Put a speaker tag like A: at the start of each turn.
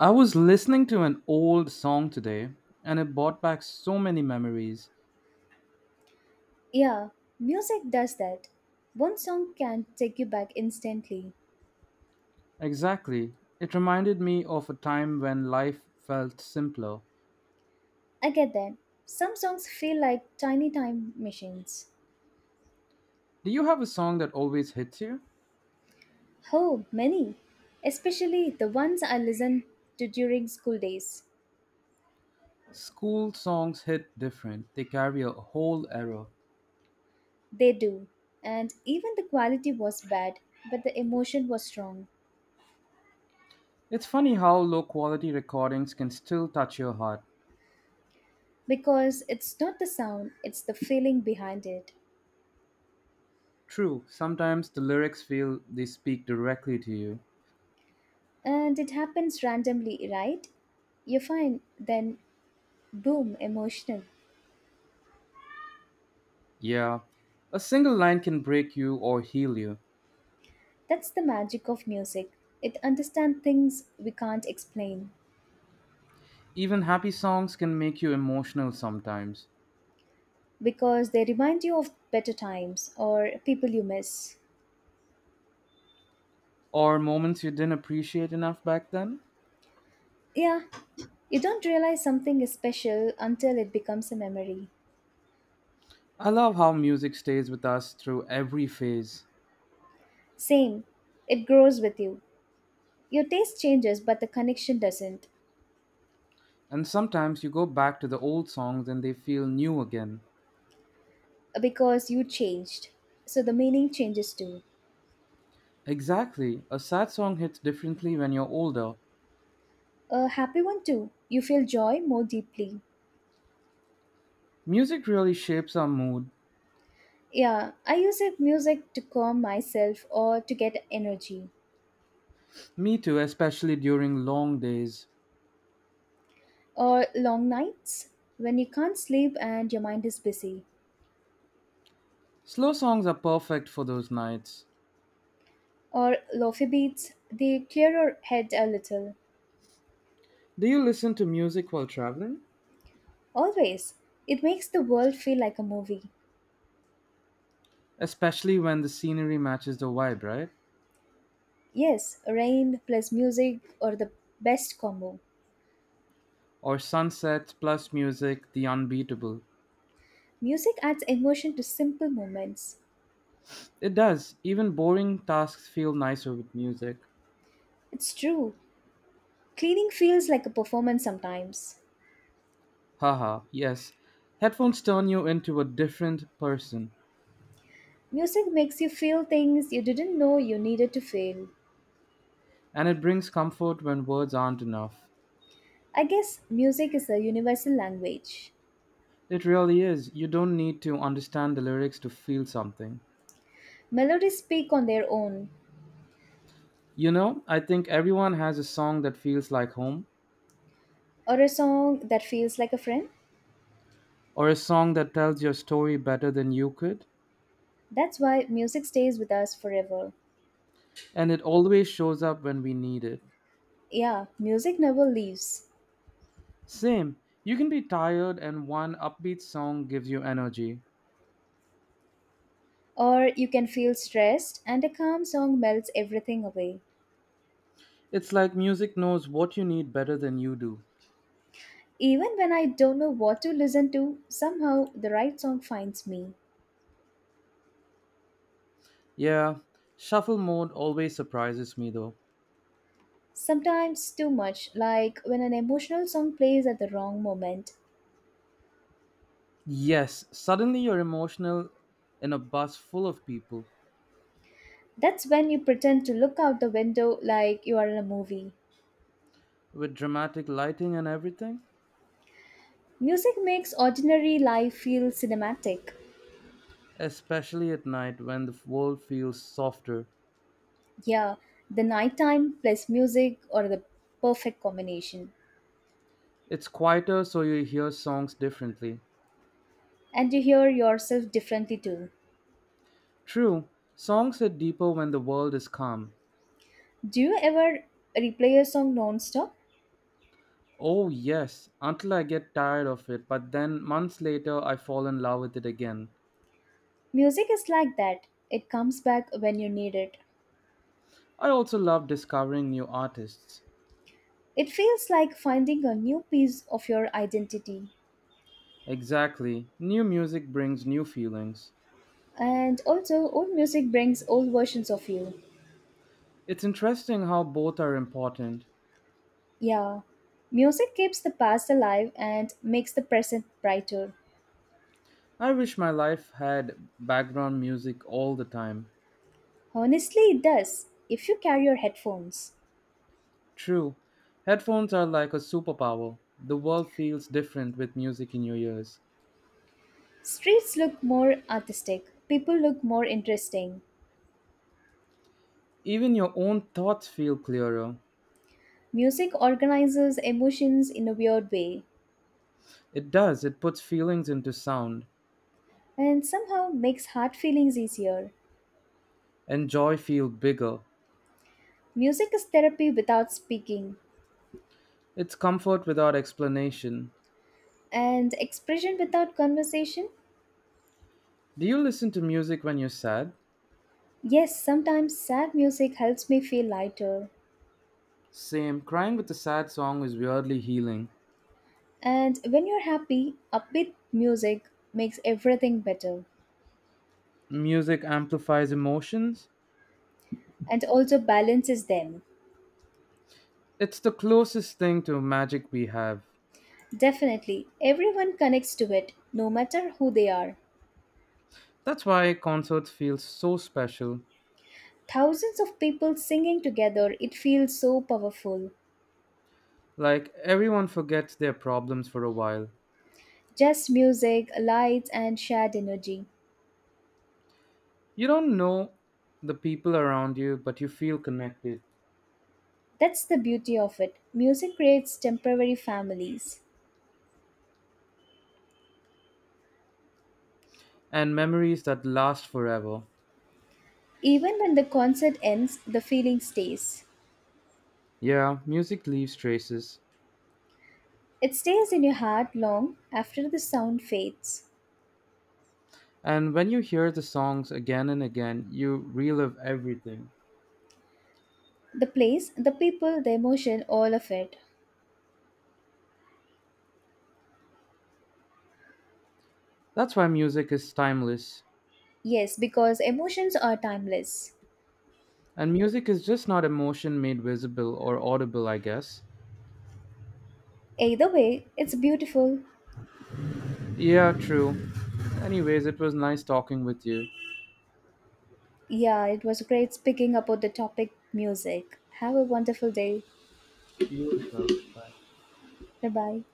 A: I was listening to an old song today and it brought back so many memories.
B: Yeah, music does that. One song can take you back instantly.
A: Exactly. It reminded me of a time when life felt simpler.
B: I get that. Some songs feel like tiny time machines.
A: Do you have a song that always hits you?
B: Oh, many. Especially the ones I listened to during school days.
A: School songs hit different, they carry a whole era.
B: They do. And even the quality was bad, but the emotion was strong.
A: It's funny how low quality recordings can still touch your heart.
B: Because it's not the sound, it's the feeling behind it.
A: True, sometimes the lyrics feel they speak directly to you.
B: And it happens randomly, right? You find, then boom, emotional.
A: Yeah, a single line can break you or heal you.
B: That's the magic of music. It understands things we can't explain
A: Even happy songs can make you emotional sometimes,
B: because they remind you of better times or people you miss.
A: or moments you didn't appreciate enough back then.
B: Yeah, you don't realize something is special until it becomes a memory.
A: I love how music stays with us through every phase,
B: Same, it grows with you. Your taste changes, but the connection doesn't
A: and sometimes you go back to the old songs and they feel new again.
B: uh, because you changed. So the meaning changes too.
A: Exactly, a sad song hits differently when you're older.
B: A happy one too. You feel joy more deeply.
A: Music really shapes our mood.
B: Yeah, I use it music to calm myself or to get energy.
A: Me too, especially during long days.
B: Or long nights when you can't sleep and your mind is busy,
A: Slow songs are perfect for those nights.
B: or lofi beats, they clear your head a little.
A: Do you listen to music while traveling?
B: Always, it makes the world feel like a movie.
A: Especially when the scenery matches the vibe, right?
B: Yes, rain plus music or the best combo.
A: Or sunsets plus music, the unbeatable.
B: Music adds emotion to simple moments.
A: It does. Even boring tasks feel nicer with music.
B: It's true, cleaning feels like a performance sometimes.
A: Haha, yes. Headphones turn you into a different person,
B: Music makes you feel things you didn't know you needed to feel.
A: and it brings comfort when words aren't enough.
B: I guess music is a universal language.
A: It really is. You don't need to understand the lyrics to feel something.
B: Melodies speak on their own,
A: You know, I think everyone has a song that feels like home,
B: or a song that feels like a friend.
A: or a song that tells your story better than you could,
B: That's why music stays with us forever.
A: and it always shows up when we need it.
B: Yeah, music never leaves.
A: Same, you can be tired and one upbeat song gives you energy.
B: Or you can feel stressed, and a calm song melts everything away.
A: It's like music knows what you need better than you do.
B: Even when I don't know what to listen to, somehow the right song finds me.
A: Yeah, shuffle mode always surprises me though.
B: Sometimes too much, like when an emotional song plays at the wrong moment.
A: Yes, suddenly you're emotional in a bus full of people
B: That's when you pretend to look out the window like you are in a movie.
A: with dramatic lighting and everything,
B: Music makes ordinary life feel cinematic.
A: especially at night when the world feels softer.
B: Yeah, the nighttime plus music or the perfect combination.
A: It's quieter so you hear songs differently.
B: And you hear yourself differently too.
A: True, songs hit deeper when the world is calm.
B: Do you ever replay a song non-stop?
A: Oh, yes, until I get tired of it, but then months later I fall in love with it again.
B: Music is like that. It comes back when you need it.
A: I also love discovering new artists.
B: It feels like finding a new piece of your identity.
A: Exactly, new music brings new feelings.
B: And also, old music brings old versions of you.
A: It's interesting how both are important.
B: Yeah, music keeps the past alive and makes the present brighter.
A: I wish my life had background music all the time.
B: Honestly, it does, if you carry your headphones.
A: True, headphones are like a superpower. The world feels different with music in your ears.
B: Streets look more artistic, people look more interesting.
A: Even your own thoughts feel clearer.
B: Music organizes emotions in a weird way
A: It does, it puts feelings into sound,
B: and somehow makes hard feelings easier.
A: and joy feel bigger.
B: Music is therapy without speaking
A: It's comfort without explanation.
B: and expression without conversation.
A: Do you listen to music when you're sad?
B: Yes, sometimes sad music helps me feel lighter.
A: Same. Crying with a sad song is weirdly healing.
B: And when you're happy, upbeat music makes everything better
A: Music amplifies emotions.
B: and also balances them.
A: It's the closest thing to magic we have.
B: Definitely, everyone connects to it, no matter who they are.
A: That's why concerts feel so special.
B: Thousands of people singing together, it feels so powerful.
A: Like everyone forgets their problems for a while.
B: Just music, lights, and shared energy.
A: You don't know the people around you, but you feel connected.
B: That's the beauty of it. Music creates temporary families.
A: And memories that last forever.
B: Even when the concert ends, the feeling stays.
A: Yeah, music leaves traces.
B: It stays in your heart long after the sound fades.
A: And when you hear the songs again and again, you relive everything.
B: The place, the people, the emotion, all of it.
A: That's why music is timeless.
B: Yes, because emotions are timeless.
A: And music is just not emotion made visible or audible, I guess.
B: Either way, it's beautiful.
A: Yeah, true. Anyways, it was nice talking with you.
B: Yeah, it was great speaking about the topic music. Have a wonderful day.
A: You as well. Bye.
B: Bye bye.